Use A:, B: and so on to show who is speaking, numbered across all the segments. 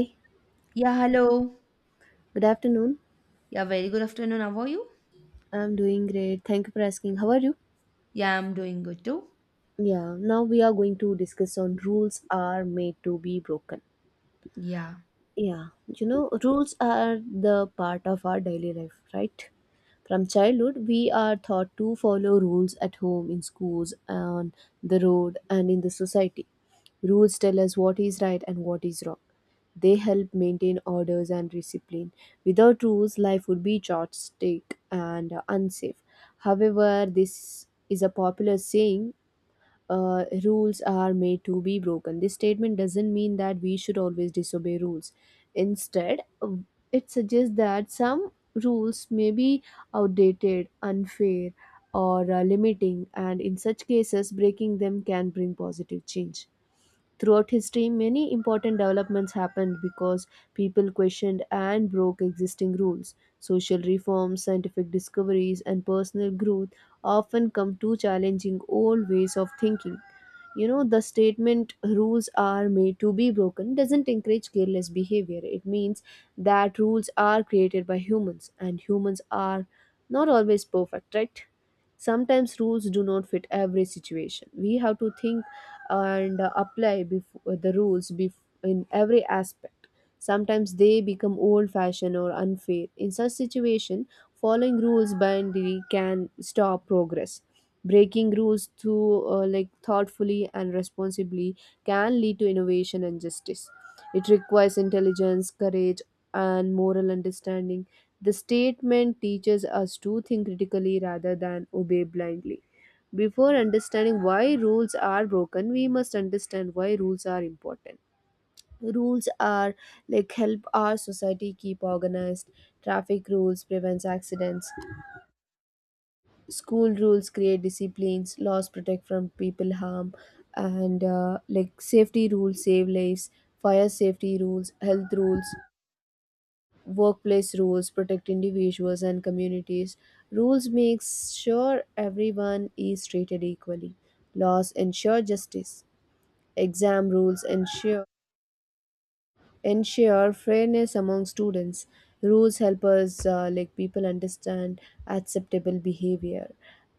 A: Good
B: Yeah, hello.
A: afternoon.
B: Yeah, very good afternoon. How are you?
A: I'm doing great. Thank you for asking. How are you?
B: Yeah, I'm doing good too.
A: Yeah, now we are going to discuss on rules are made to be broken.
B: Yeah.
A: Yeah, rules are the part of our daily life, right? From childhood, we are taught to follow rules at home, in schools, on the road, and in the society. Rules tell us what is right and what is wrong. They help maintain orders and discipline. Without rules, life would be chaotic and unsafe. However, this is a popular saying rules are made to be broken. This statement doesn't mean that we should always disobey rules. Instead, it suggests that some rules may be outdated, unfair, or limiting, and in such cases, breaking them can bring positive change. Throughout history, many important developments happened because people questioned and broke existing rules. Social reforms, scientific discoveries, and personal growth often come to challenging old ways of thinking. The statement rules are made to be broken doesn't encourage careless behavior. It means that rules are created by humans, and humans are not always perfect, right? Sometimes rules do not fit every situation. We have to think and apply the rules in every aspect. Sometimes they become old fashioned or unfair. In such situation, following rules blindly can stop progress. Breaking rules through like thoughtfully and responsibly can lead to innovation and justice. It requires intelligence, courage, and moral understanding. The statement teaches us to think critically rather than obey blindly. Before understanding why rules are broken, we must understand why rules are important. Rules are like help our society keep organized. Traffic rules prevents accidents. School rules create disciplines. Laws protect from people harm, and like safety rules save lives. Fire safety rules, health rules, workplace rules protect individuals and communities. Rules make sure everyone is treated equally. Laws ensure justice. Exam rules ensure fairness among students. Rules help us like people understand acceptable behavior.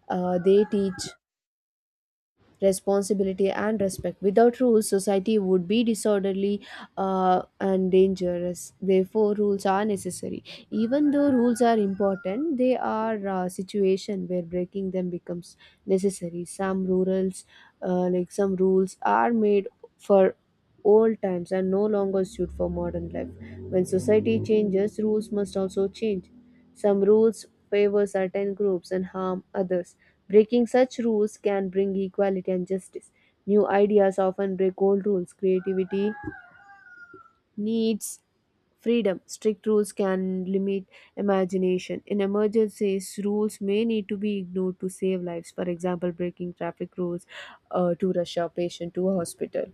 A: They teach responsibility and respect. Without rules, society would be disorderly and dangerous. Therefore, rules are necessary. Even though rules are important, they are a situation where breaking them becomes necessary. Some rurals, like some rules, are made for old times and no longer suit for modern life. When society changes, rules must also change. Some rules favor certain groups and harm others. Breaking such rules can bring equality and justice. New ideas often break old rules. Creativity needs freedom. Strict rules can limit imagination. In emergencies, rules may need to be ignored to save lives. For example, breaking traffic rules to rush a patient to a hospital.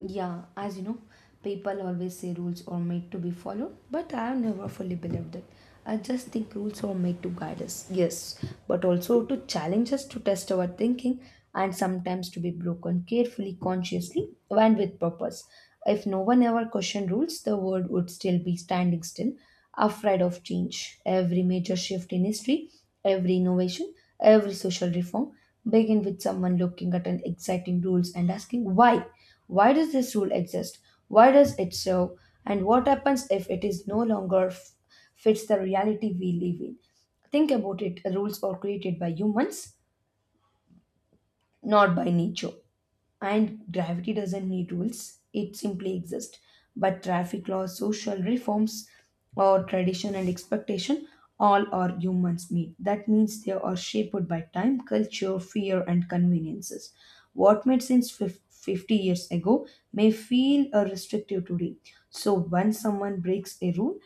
B: Yeah, as you know, people always say rules are made to be followed, but I have never fully believed that. I just think rules are made to guide us, yes, but also to challenge us to test our thinking and sometimes to be broken carefully, consciously, and with purpose. If no one ever questioned rules, the world would still be standing still, afraid of change. Every major shift in history, every innovation, every social reform begin with someone looking at an exciting rules and asking why does this rule exist? Why does it serve? And what happens if it is no longer fits the reality we live in? Think about it. Rules are created by humans, not by nature. And gravity doesn't need rules, it simply exists. But traffic laws, social reforms, or tradition and expectation, all are humans made. That means they are shaped by time, culture, fear, and conveniences. What made sense 50 years ago may feel restrictive today. So, when someone breaks a rule,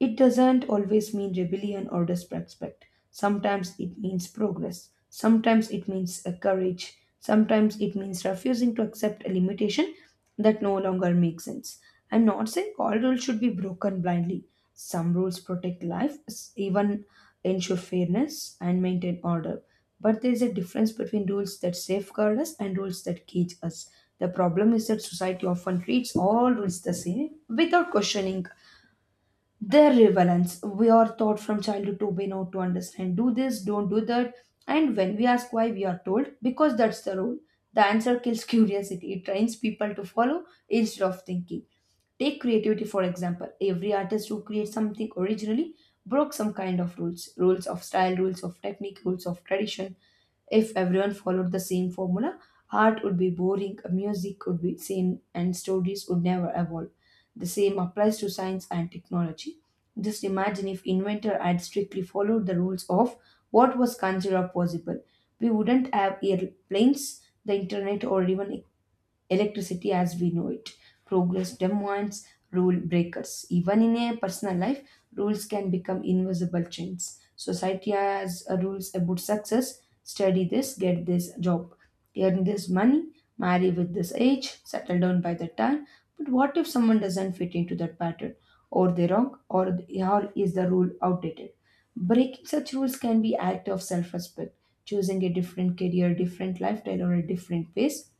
B: it doesn't always mean rebellion or disrespect. Sometimes it means progress. Sometimes it means courage. Sometimes it means refusing to accept a limitation that no longer makes sense. I'm not saying all rules should be broken blindly. Some rules protect life, even ensure fairness and maintain order. But there is a difference between rules that safeguard us and rules that cage us. The problem is that society often treats all rules the same without questioning their relevance. We are taught from childhood to be know to understand. Do this, don't do that. And when we ask why, we are told because that's the rule. The answer kills curiosity. It trains people to follow instead of thinking. Take creativity for example. Every artist who creates something originally broke some kind of rules of style, rules of technique, rules of tradition. If everyone followed the same formula, art would be boring, music would be same, and stories would never evolve. The same applies to science and technology. Just imagine if inventor had strictly followed the rules of what was considered possible. We wouldn't have airplanes, the internet, or even electricity as we know it. Progress demands rule breakers. Even in a personal life, rules can become invisible chains. Society has rules about success study this, get this job, earn this money, marry with this age, settle down by the time. But what if someone doesn't fit into that pattern? Or they're wrong, or is the rule outdated? Breaking such rules can be act of self-respect, choosing a different career, different lifestyle, or a different pace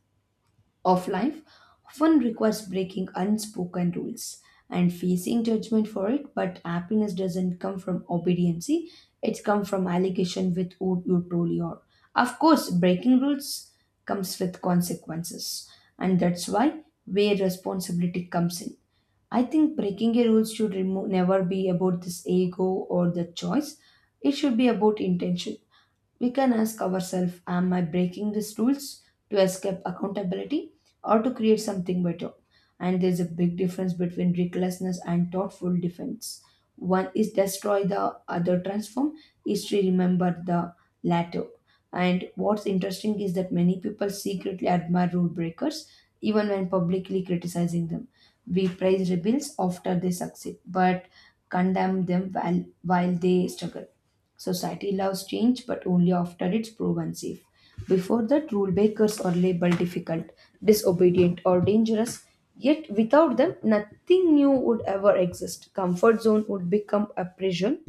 B: of life often requires breaking unspoken rules and facing judgment for it, but happiness doesn't come from obedience. It comes from allegation with who you truly are. Of course, breaking rules comes with consequences, and that's why where responsibility comes in. I think breaking a rule should never be about this ego or the choice. It should be about intention. We can ask ourselves, am I breaking these rules to escape accountability or to create something better? And there's a big difference between recklessness and thoughtful defense. One is destroy the other, transform. History to remember the latter. And what's interesting is that many people secretly admire rule breakers even when publicly criticizing them. We praise rebels after they succeed but condemn them while they struggle. Society loves change, but only after it's proven safe. Before that, rule breakers are labeled difficult, disobedient, or dangerous. Yet, without them, nothing new would ever exist. Comfort zone would become a prison.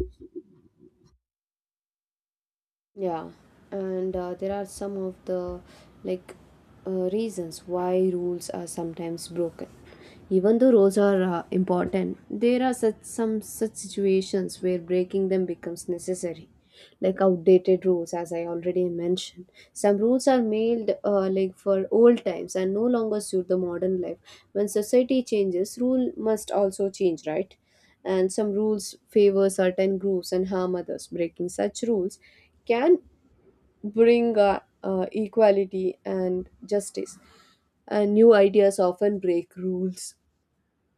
A: Yeah, and there are some of the like reasons why rules are sometimes broken. Even though rules are important, there are such some such situations where breaking them becomes necessary. Like outdated rules, as I already mentioned, some rules are made like for old times and no longer suit the modern life. When society changes, rule must also change, right? And some rules favor certain groups and harm others. Breaking such rules can bring equality and justice, and new ideas often break rules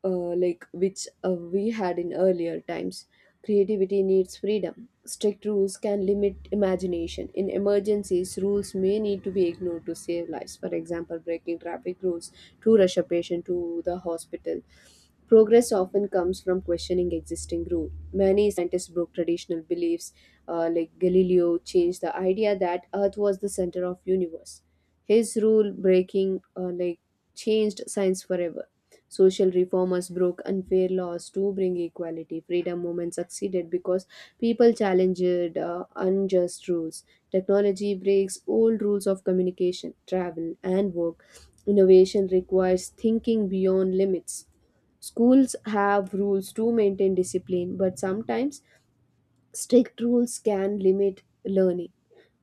A: uh, like which we had in earlier times. Creativity needs freedom. Strict rules can limit imagination. In emergencies, rules may need to be ignored to save lives. For example, breaking traffic rules to rush a patient to the hospital. Progress often comes from questioning existing rules. Many scientists broke traditional beliefs, like Galileo changed the idea that Earth was the center of universe. His rule breaking, like, changed science forever. Social reformers broke unfair laws to bring equality. Freedom movement succeeded because people challenged unjust rules. Technology breaks old rules of communication, travel, and work. Innovation requires thinking beyond limits. Schools have rules to maintain discipline, but sometimes strict rules can limit learning.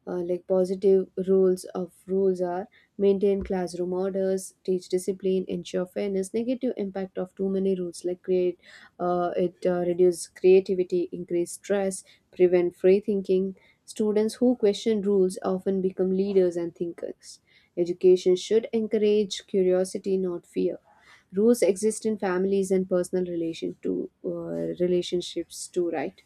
A: Like, positive rules of rules are maintain classroom orders, teach discipline, ensure fairness. Negative impact of too many rules, like create it reduce creativity, increase stress, prevent free thinking. Students who question rules often become leaders and thinkers. Education should encourage curiosity, not fear. Rules exist in families and personal relation to relationships too, right?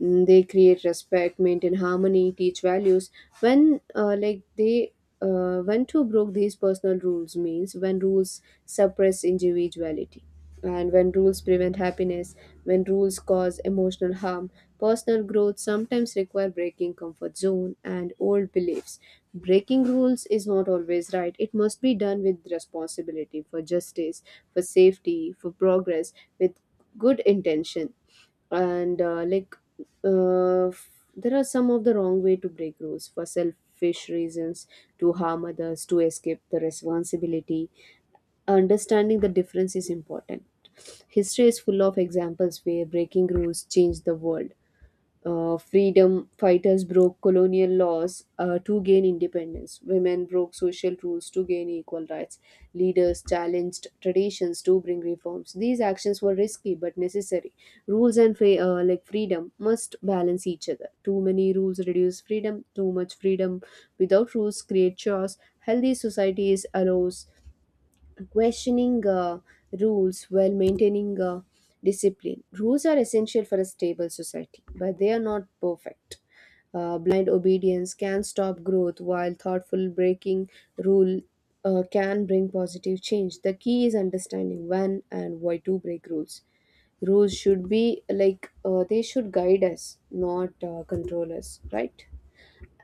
A: They create respect, maintain harmony, teach values. When like they when to broke these personal rules means when rules suppress individuality, and when rules prevent happiness, when rules cause emotional harm. Personal growth sometimes require breaking comfort zone and old beliefs. Breaking rules is not always right. It must be done with responsibility, for justice, for safety, for progress, with good intention. And like uh, f- there are some of the wrong way to break rules, for selfish reasons, to harm others, to escape the responsibility. Understanding the difference is important. History is full of examples where breaking rules changed the world. Freedom fighters broke colonial laws to gain independence. Women broke social rules to gain equal rights. Leaders challenged traditions to bring reforms. These actions were risky but necessary. Rules and like freedom must balance each other. Too many rules reduce freedom. Too much freedom without rules create chaos. Healthy societies allows questioning rules while maintaining discipline. Rules are essential for a stable society, but they are not perfect. Blind obedience can stop growth, while thoughtful breaking rule can bring positive change. The key is understanding when and why to break rules. Rules should be like they should guide us, not control us, right?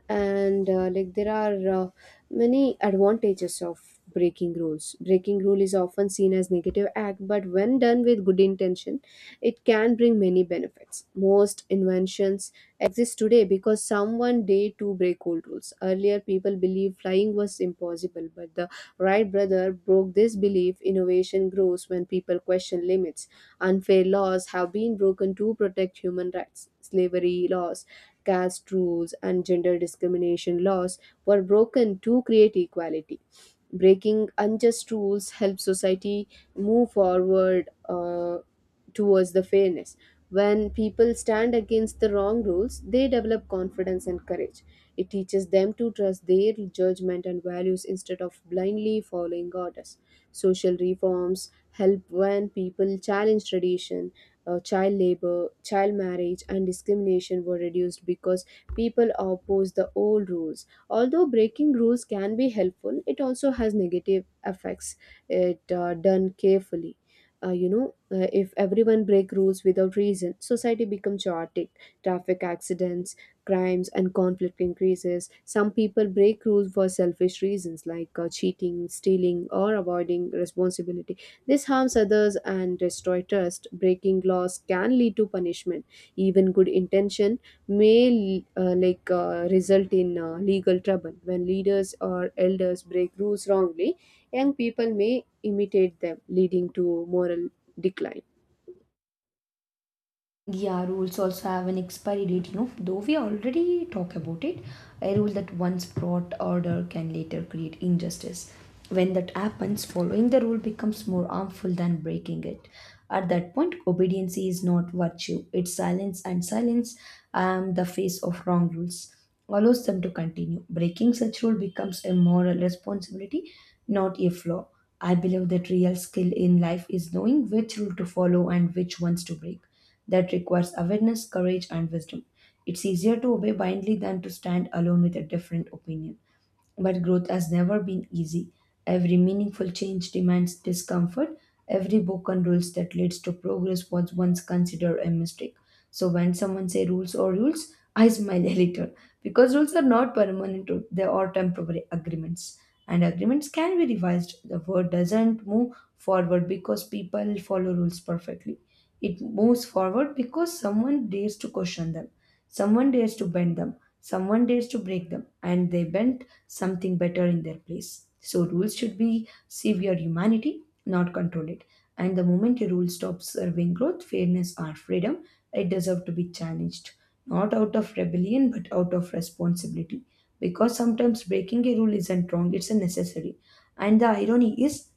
A: And like there are many advantages of breaking rules. Breaking rule is often seen as negative act, but when done with good intention, it can bring many benefits. Most inventions exist today because someone dared to break old rules. Earlier, people believed flying was impossible, but the Wright brother broke this belief. Innovation grows when people question limits. Unfair laws have been broken to protect human rights. Slavery laws, caste rules, and gender discrimination laws were broken to create equality. Breaking unjust rules helps society move forward towards the fairness. When people stand against the wrong rules, they develop confidence and courage. It teaches them to trust their judgment and values instead of blindly following orders. Social reforms help when people challenge tradition, child labor, child marriage, and discrimination were reduced because people opposed the old rules. Although breaking rules can be helpful, it also has negative effects. It done carefully. If everyone break rules without reason, society becomes chaotic. Traffic accidents, crimes, and conflict increases. Some people break rules for selfish reasons like cheating, stealing, or avoiding responsibility. This harms others and destroys trust. Breaking laws can lead to punishment. Even good intention may like result in legal trouble. When leaders or elders break rules wrongly, young people may imitate them, leading to moral decline.
B: Yeah, rules also have an expiry date. Though we already talk about it, a rule that once brought order can later create injustice. When that happens, following the rule becomes more harmful than breaking it. At that point, obedience is not virtue. It's silence, and silence, the face of wrong rules, allows them to continue. Breaking such rule becomes a moral responsibility, not a flaw. I believe that real skill in life is knowing which rule to follow and which ones to break. That requires awareness, courage, and wisdom. It's easier to obey blindly than to stand alone with a different opinion. But growth has never been easy. Every meaningful change demands discomfort. Every broken rules that leads to progress was once considered a mistake. So when someone say rules or rules, I smile a little because rules are not permanent; rules. They are temporary agreements, and agreements can be revised. The world doesn't move forward because people follow rules perfectly. It moves forward because someone dares to question them. Someone dares to bend them, someone dares to break them, and they bent something better in their place. So, rules should be serve your humanity, not control it. And the moment a rule stops serving growth, fairness, or freedom, it deserves to be challenged, not out of rebellion but out of responsibility. Because sometimes breaking a rule isn't wrong, it's a necessary. And the irony is,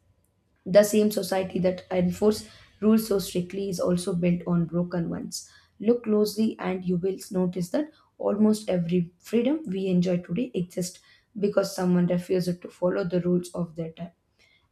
B: the same society that enforces rules so strictly is also built on broken ones. Look closely and you will notice that almost every freedom we enjoy today exists because someone refused to follow the rules of their time.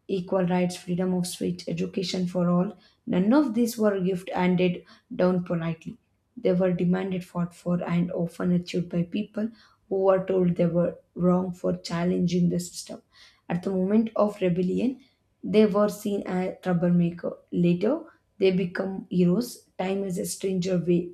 B: Equal rights, freedom of speech, education for all, none of these were gift handed down politely. They were demanded, fought for, and often achieved by people who were told they were wrong for challenging the system. At the moment of rebellion, they were seen as troublemaker. Later, they become heroes. Time is a stranger way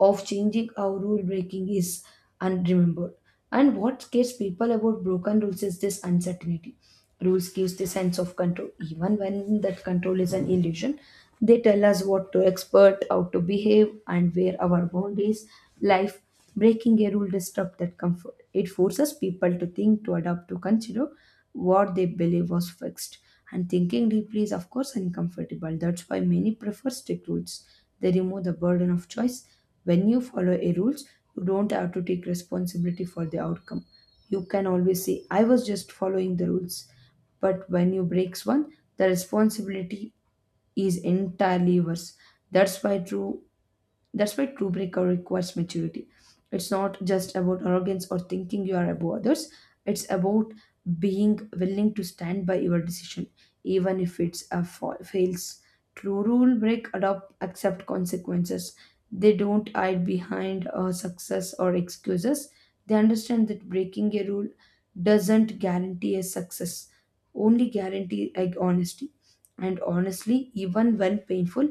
B: of changing how rule breaking is unremembered. And what scares people about broken rules is this uncertainty. Rules gives the sense of control, even when that control is an illusion. They tell us what to expect, how to behave, and where our boundaries life breaking a rule disrupts that comfort. It forces people to think, to adapt, to consider what they believe was fixed. And thinking deeply is, of course, uncomfortable. That's why many prefer strict rules. They remove the burden of choice. When you follow a rules, you don't have to take responsibility for the outcome. You can always say, I was just following the rules. But when you breaks one, the responsibility is entirely yours. That's why true that's why true breaker requires maturity. It's not just about arrogance or thinking you are above others. It's about being willing to stand by your decision, even if it's a fails. True rule break adopt accept consequences. They don't hide behind success or excuses. They understand that breaking a rule doesn't guarantee a success, only guarantee like honesty. And honestly, even when painful,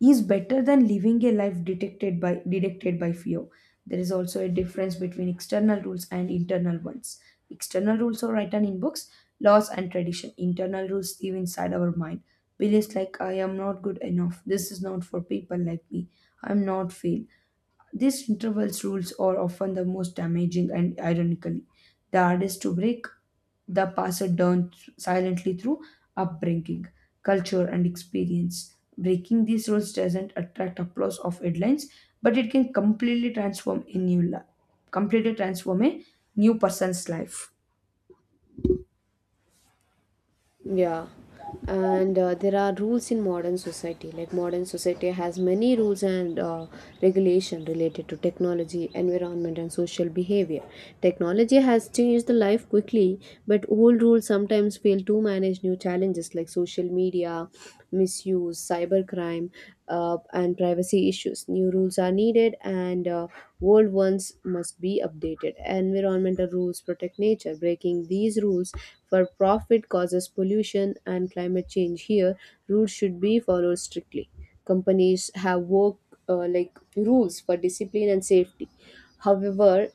B: is better than living a life detected by dictated by fear. There is also a difference between external rules and internal ones. External rules are written in books, laws and tradition. Internal rules live inside our mind, beliefs like I am not good enough, this is not for people like me, I'm not fail. These intervals rules are often the most damaging and ironically the hardest to break. The passed down silently through upbringing, culture, and experience. Breaking these rules doesn't attract applause of headlines, but it can completely transform a new life, completely transform a new person's life.
A: Yeah, and there are rules in modern society. Like modern society has many rules and regulation related to technology, environment, and social behavior. Technology has changed the life quickly, but old rules sometimes fail to manage new challenges like social media, misuse, cybercrime, and privacy issues. New rules are needed, and old ones must be updated. Environmental rules protect nature. Breaking these rules for profit causes pollution and climate change. Here, rules should be followed strictly. Companies have work like rules for discipline and safety. However,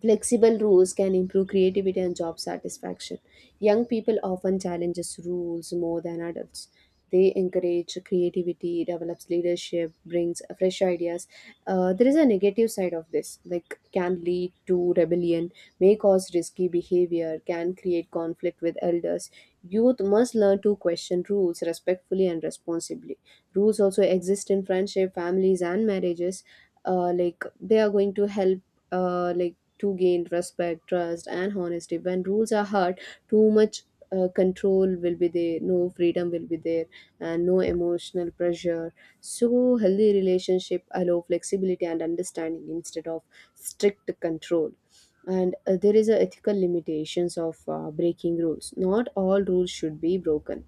A: flexible rules can improve creativity and job satisfaction. Young people often challenges rules more than adults. They encourage creativity, develops leadership, brings fresh ideas. There is a negative side of this, like can lead to rebellion, may cause risky behavior, can create conflict with elders. Youth must learn to question rules respectfully and responsibly. Rules also exist in friendship, families, and marriages. Like, they are going to help like to gain respect, trust, and honesty. When rules are hard, too much control will be there, no freedom will be there, and no emotional pressure. So, healthy relationship allow flexibility and understanding instead of strict control. And there is a ethical limitations of breaking rules. Not all rules should be broken,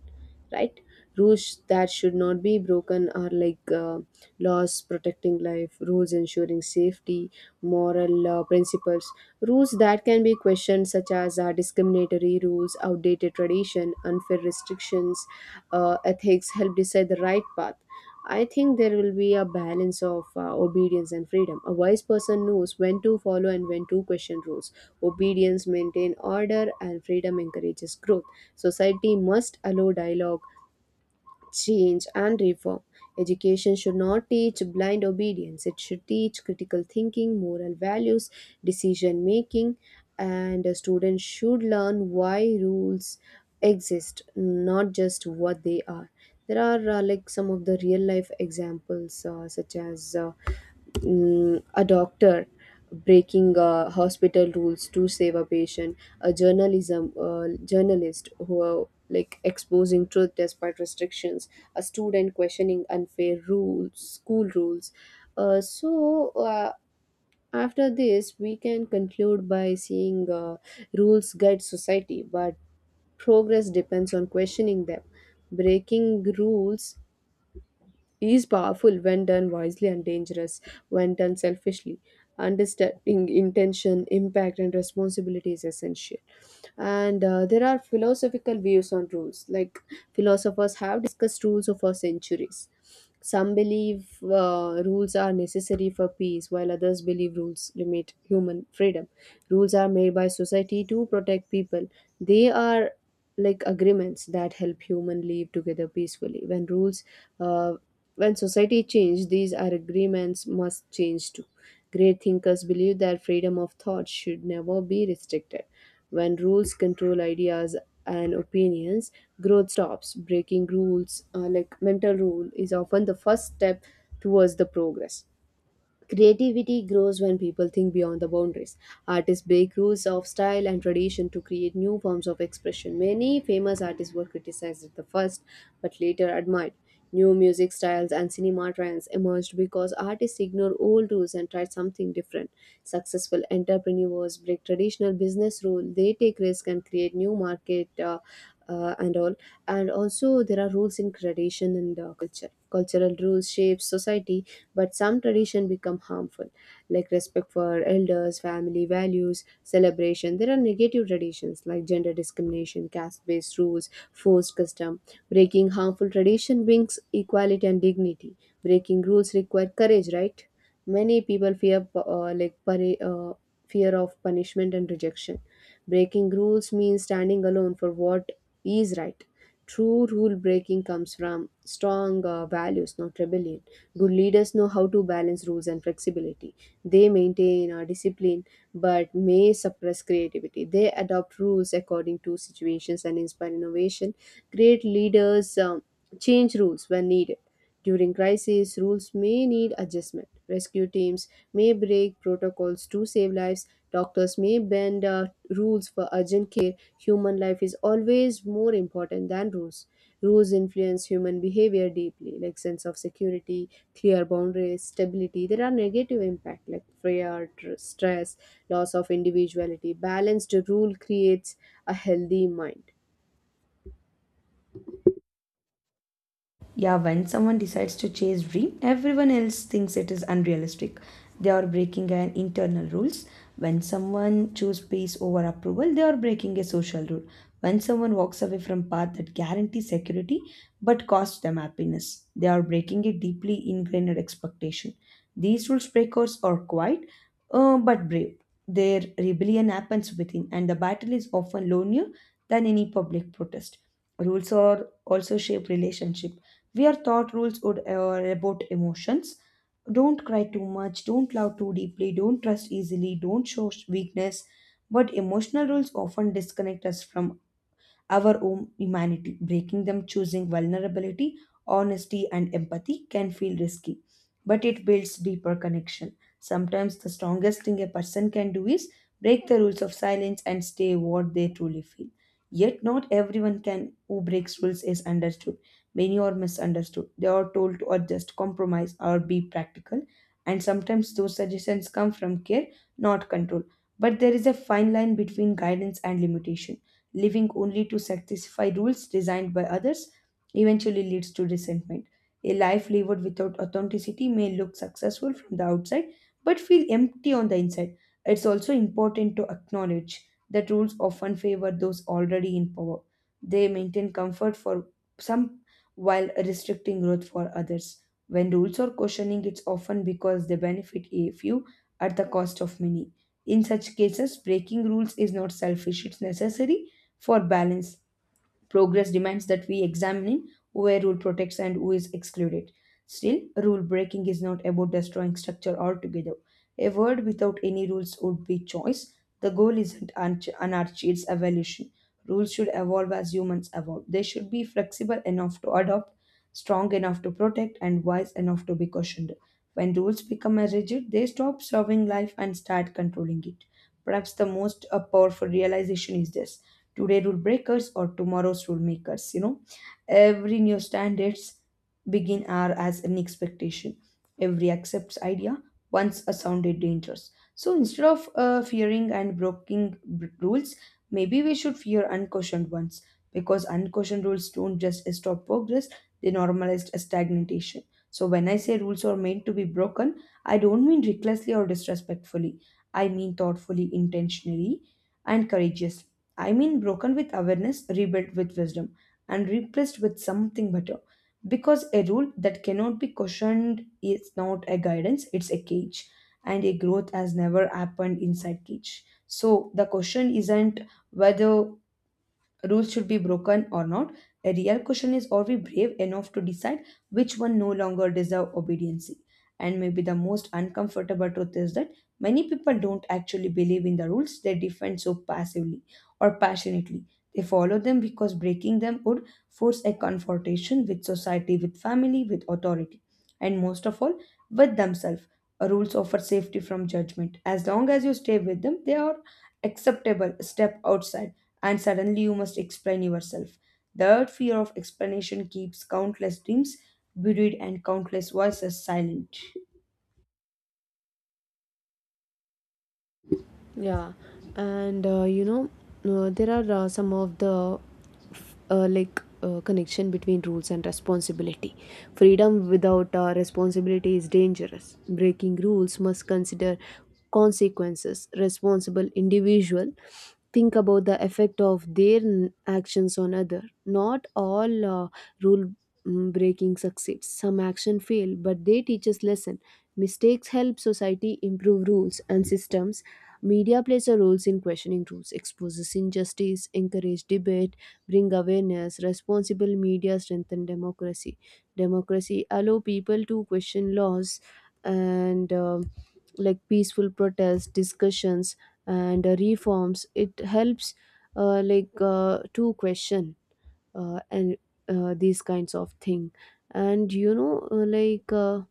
A: right? Rules that should not be broken are like laws protecting life, rules ensuring safety, moral principles. Rules that can be questioned such as discriminatory rules, outdated tradition, unfair restrictions. Ethics help decide the right path. I think there will be a balance of obedience and freedom. A wise person knows when to follow and when to question rules. Obedience maintains order and freedom encourages growth. Society must allow dialogue, change, and reform. Education should not teach blind obedience, it should teach critical thinking, moral values, decision making, and a student should learn why rules exist, not just what they are. There are like some of the real life examples, a doctor breaking hospital rules to save a patient, a journalism journalist who are like exposing truth despite restrictions, a student questioning unfair rules, school rules. uh, so uh, After this we can conclude by seeing rules guide society, but progress depends on questioning them. Breaking rules is powerful when done wisely and dangerous when done selfishly. Understanding intention, impact, and responsibility is essential. And There are philosophical views on rules. Like, philosophers have discussed rules for centuries. Some believe rules are necessary for peace, while others believe rules limit human freedom. Rules are made by society to protect people. They are like agreements that help human live together peacefully. Uh, when society changes, these are agreements must change too. Great thinkers believe that freedom of thought should never be restricted. When rules control ideas and opinions, growth stops. Breaking rules, like mental rule, is often the first step towards the progress. Creativity grows when people think beyond the boundaries. Artists break rules of style and tradition to create new forms of expression. Many famous artists were criticized at the first, but later admired. New music styles and cinema trends emerged because artists ignored old rules and tried something different. Successful entrepreneurs break traditional business rules, they take risks and create new market and all. And also, there are rules in tradition and culture. Cultural rules shape society, but some tradition become harmful, like respect for elders, family values, celebration. There are negative traditions like gender discrimination, caste based rules, forced custom. Breaking harmful tradition brings equality and dignity. Breaking rules require courage, right? Many people fear, fear of punishment and rejection. Breaking rules means standing alone for what is right. True rule breaking comes from strong values, not rebellion. Good leaders know how to balance rules and flexibility. They maintain our discipline but may suppress creativity. They adopt rules according to situations and inspire innovation. Great leaders change rules when needed. During crises, rules may need adjustment. Rescue teams may break protocols to save lives. Doctors may bend rules for urgent care. Human life is always more important than rules. Rules influence human behavior deeply, like sense of security, clear boundaries, stability. There are negative impact like stress, loss of individuality. Balanced rule creates a healthy mind.
B: Yeah, when someone decides to chase dream, everyone else thinks it is unrealistic. They are breaking an internal rules. When someone choose peace over approval, they are breaking a social rule. When someone walks away from path that guarantees security but costs them happiness, they are breaking a deeply ingrained expectation. These rules breakers are quiet, but brave. Their rebellion happens within, and the battle is often lonelier than any public protest. Rules are also shape relationship where thought rules would about emotions. Don't cry too much, don't love too deeply, don't trust easily, don't show weakness. But emotional rules often disconnect us from our own humanity. Breaking them, choosing vulnerability, honesty, and empathy can feel risky, but it builds deeper connection. Sometimes the strongest thing a person can do is break the rules of silence and stay what they truly feel. Yet not everyone can who breaks rules is understood. Many are misunderstood. They are told to adjust, compromise, or be practical. And sometimes those suggestions come from care, not control. But there is a fine line between guidance and limitation. Living only to satisfy rules designed by others eventually leads to resentment. A life lived without authenticity may look successful from the outside but feel empty on the inside. It's also important to acknowledge that rules often favor those already in power. They maintain comfort for some while restricting growth for others. When rules are questioning, it's often because they benefit a few at the cost of many. In such cases, breaking rules is not selfish, it's necessary for balance. Progress demands that we examine where rule protects and who is excluded. Still, rule breaking is not about destroying structure altogether. A world without any rules would be choice. The goal isn't anarchy, it's evolution. Rules should evolve as humans evolve. They should be flexible enough to adopt, strong enough to protect, and wise enough to be cautioned. When rules become rigid, they stop serving life and start controlling it. Perhaps the most powerful realization is this: today rule breakers or tomorrow's rule makers. Every new standards begin are as an expectation. Every accepts idea once a sounded dangerous. So instead of fearing and breaking rules, maybe we should fear unquestioned ones, because unquestioned rules don't just stop progress, they normalize a stagnation. So when I say rules are meant to be broken, I don't mean recklessly or disrespectfully. I mean thoughtfully, intentionally, and courageously. I mean, broken with awareness, rebuilt with wisdom, and replaced with something better. Because a rule that cannot be questioned is not a guidance, it's a cage. And a growth has never happened inside cage. So the question isn't whether rules should be broken or not. A real question is, are we brave enough to decide which one no longer deserve obedience? And maybe the most uncomfortable truth is that many people don't actually believe in the rules they defend so passively or passionately. They follow them because breaking them would force a confrontation with society, with family, with authority, and most of all, with themselves. Rules offer safety from judgment. As long as you stay with them, they are acceptable. Step outside and suddenly you must explain yourself. That fear of explanation keeps countless dreams buried and countless voices silent.
A: Yeah. and you know there are some of the connection between rules and responsibility. Freedom without responsibility is dangerous. Breaking rules must consider consequences. Responsible individual think about the effect of their actions on other. Not all rule breaking succeeds, some action fail, but they teach us lesson. Mistakes help society improve rules and systems. Media plays a role in questioning truth, exposes injustice, encourage debate, bring awareness. Responsible media strengthen democracy. Democracy allow people to question laws and like peaceful protests, discussions, and reforms. It helps to question and these kinds of thing. And you know, uh, like. Uh,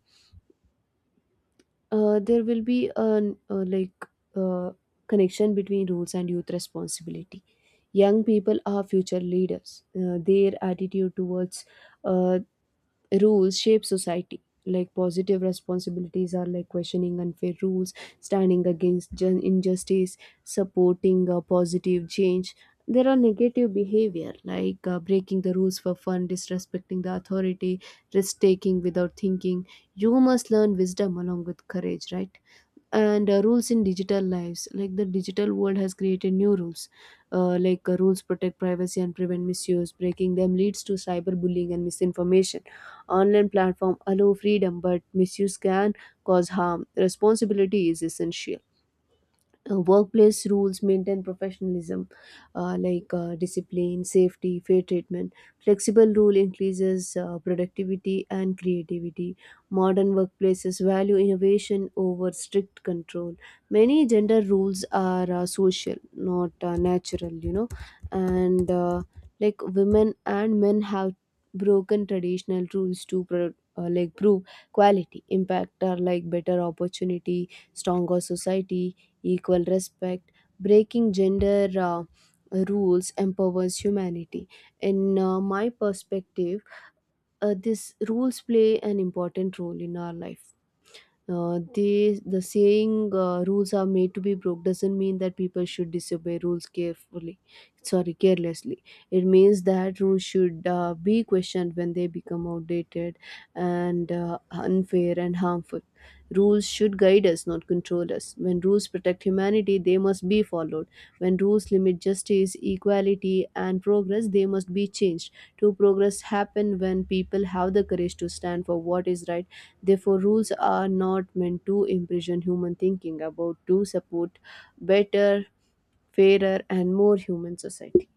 A: uh, there will be an uh, connection between rules and youth responsibility. Young people are future leaders. Their attitude towards uh, rules shape society, like positive responsibilities are like questioning unfair rules, standing against injustice, supporting a positive change. There are negative behavior like breaking the rules for fun, disrespecting the authority, risk taking without thinking. You must learn wisdom along with courage, right? And rules in digital lives, like, the digital world has created new rules. Rules protect privacy and prevent misuse. Breaking them leads to cyberbullying and misinformation. Online platform allow freedom, but misuse can cause harm. Responsibility is essential. Workplace rules maintain professionalism, discipline, safety, fair treatment. Flexible rule increases productivity and creativity. Modern workplaces value innovation over strict control. Many gender rules are social, not natural, you know? And like, women and men have broken traditional rules to prove quality. Impact are like better opportunity, stronger society, equal respect. Breaking gender rules empowers humanity. In my perspective, these rules play an important role in our life. The saying rules are made to be broke doesn't mean that people should disobey rules carefully, sorry, carelessly. It means that rules should be questioned when they become outdated and unfair and harmful. Rules should guide us, not control us. When rules protect humanity, they must be followed. When rules limit justice, equality, and progress, they must be changed. True progress happen when people have the courage to stand for what is right. Therefore, rules are not meant to imprison human thinking about to support better, fairer, and more human society.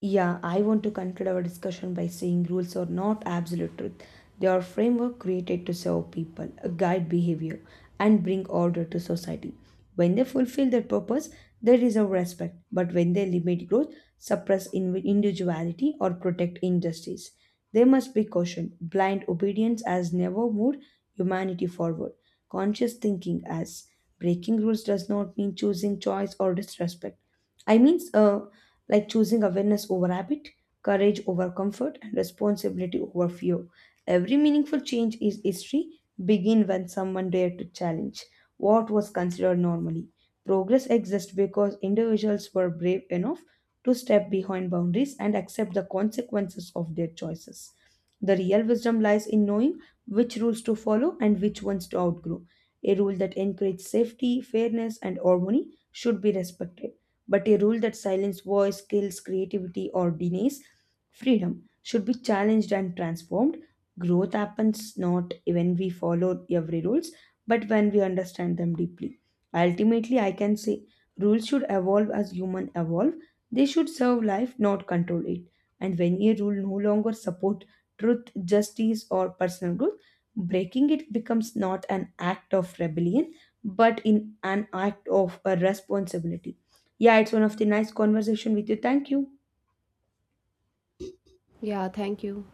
B: Yeah, I want to conclude our discussion by saying rules are not absolute truth. They are framework created to serve people, guide behavior, and bring order to society. When they fulfill their purpose, they deserve respect. But when they limit growth, suppress individuality, or protect injustice, they must be cautioned. Blind obedience has never moved humanity forward. Conscious thinking as breaking rules does not mean choosing choice or disrespect. I mean, like, choosing awareness over habit, courage over comfort, and responsibility over fear. Every meaningful change in history begin when someone dared to challenge what was considered normally. Progress exists because individuals were brave enough to step behind boundaries and accept the consequences of their choices. The real wisdom lies in knowing which rules to follow and which ones to outgrow. A rule that encourages safety, fairness, and harmony should be respected, but a rule that silences voice, kills creativity, or denies freedom should be challenged and transformed. Growth happens not when we follow every rules, but when we understand them deeply. Ultimately, I can say rules should evolve as human evolve. They should serve life, not control it. And when a rule no longer support truth, justice, or personal growth, breaking it becomes not an act of rebellion but in an act of a responsibility. Yeah, it's one of the nice conversation with you. Thank you.
A: Yeah, thank you.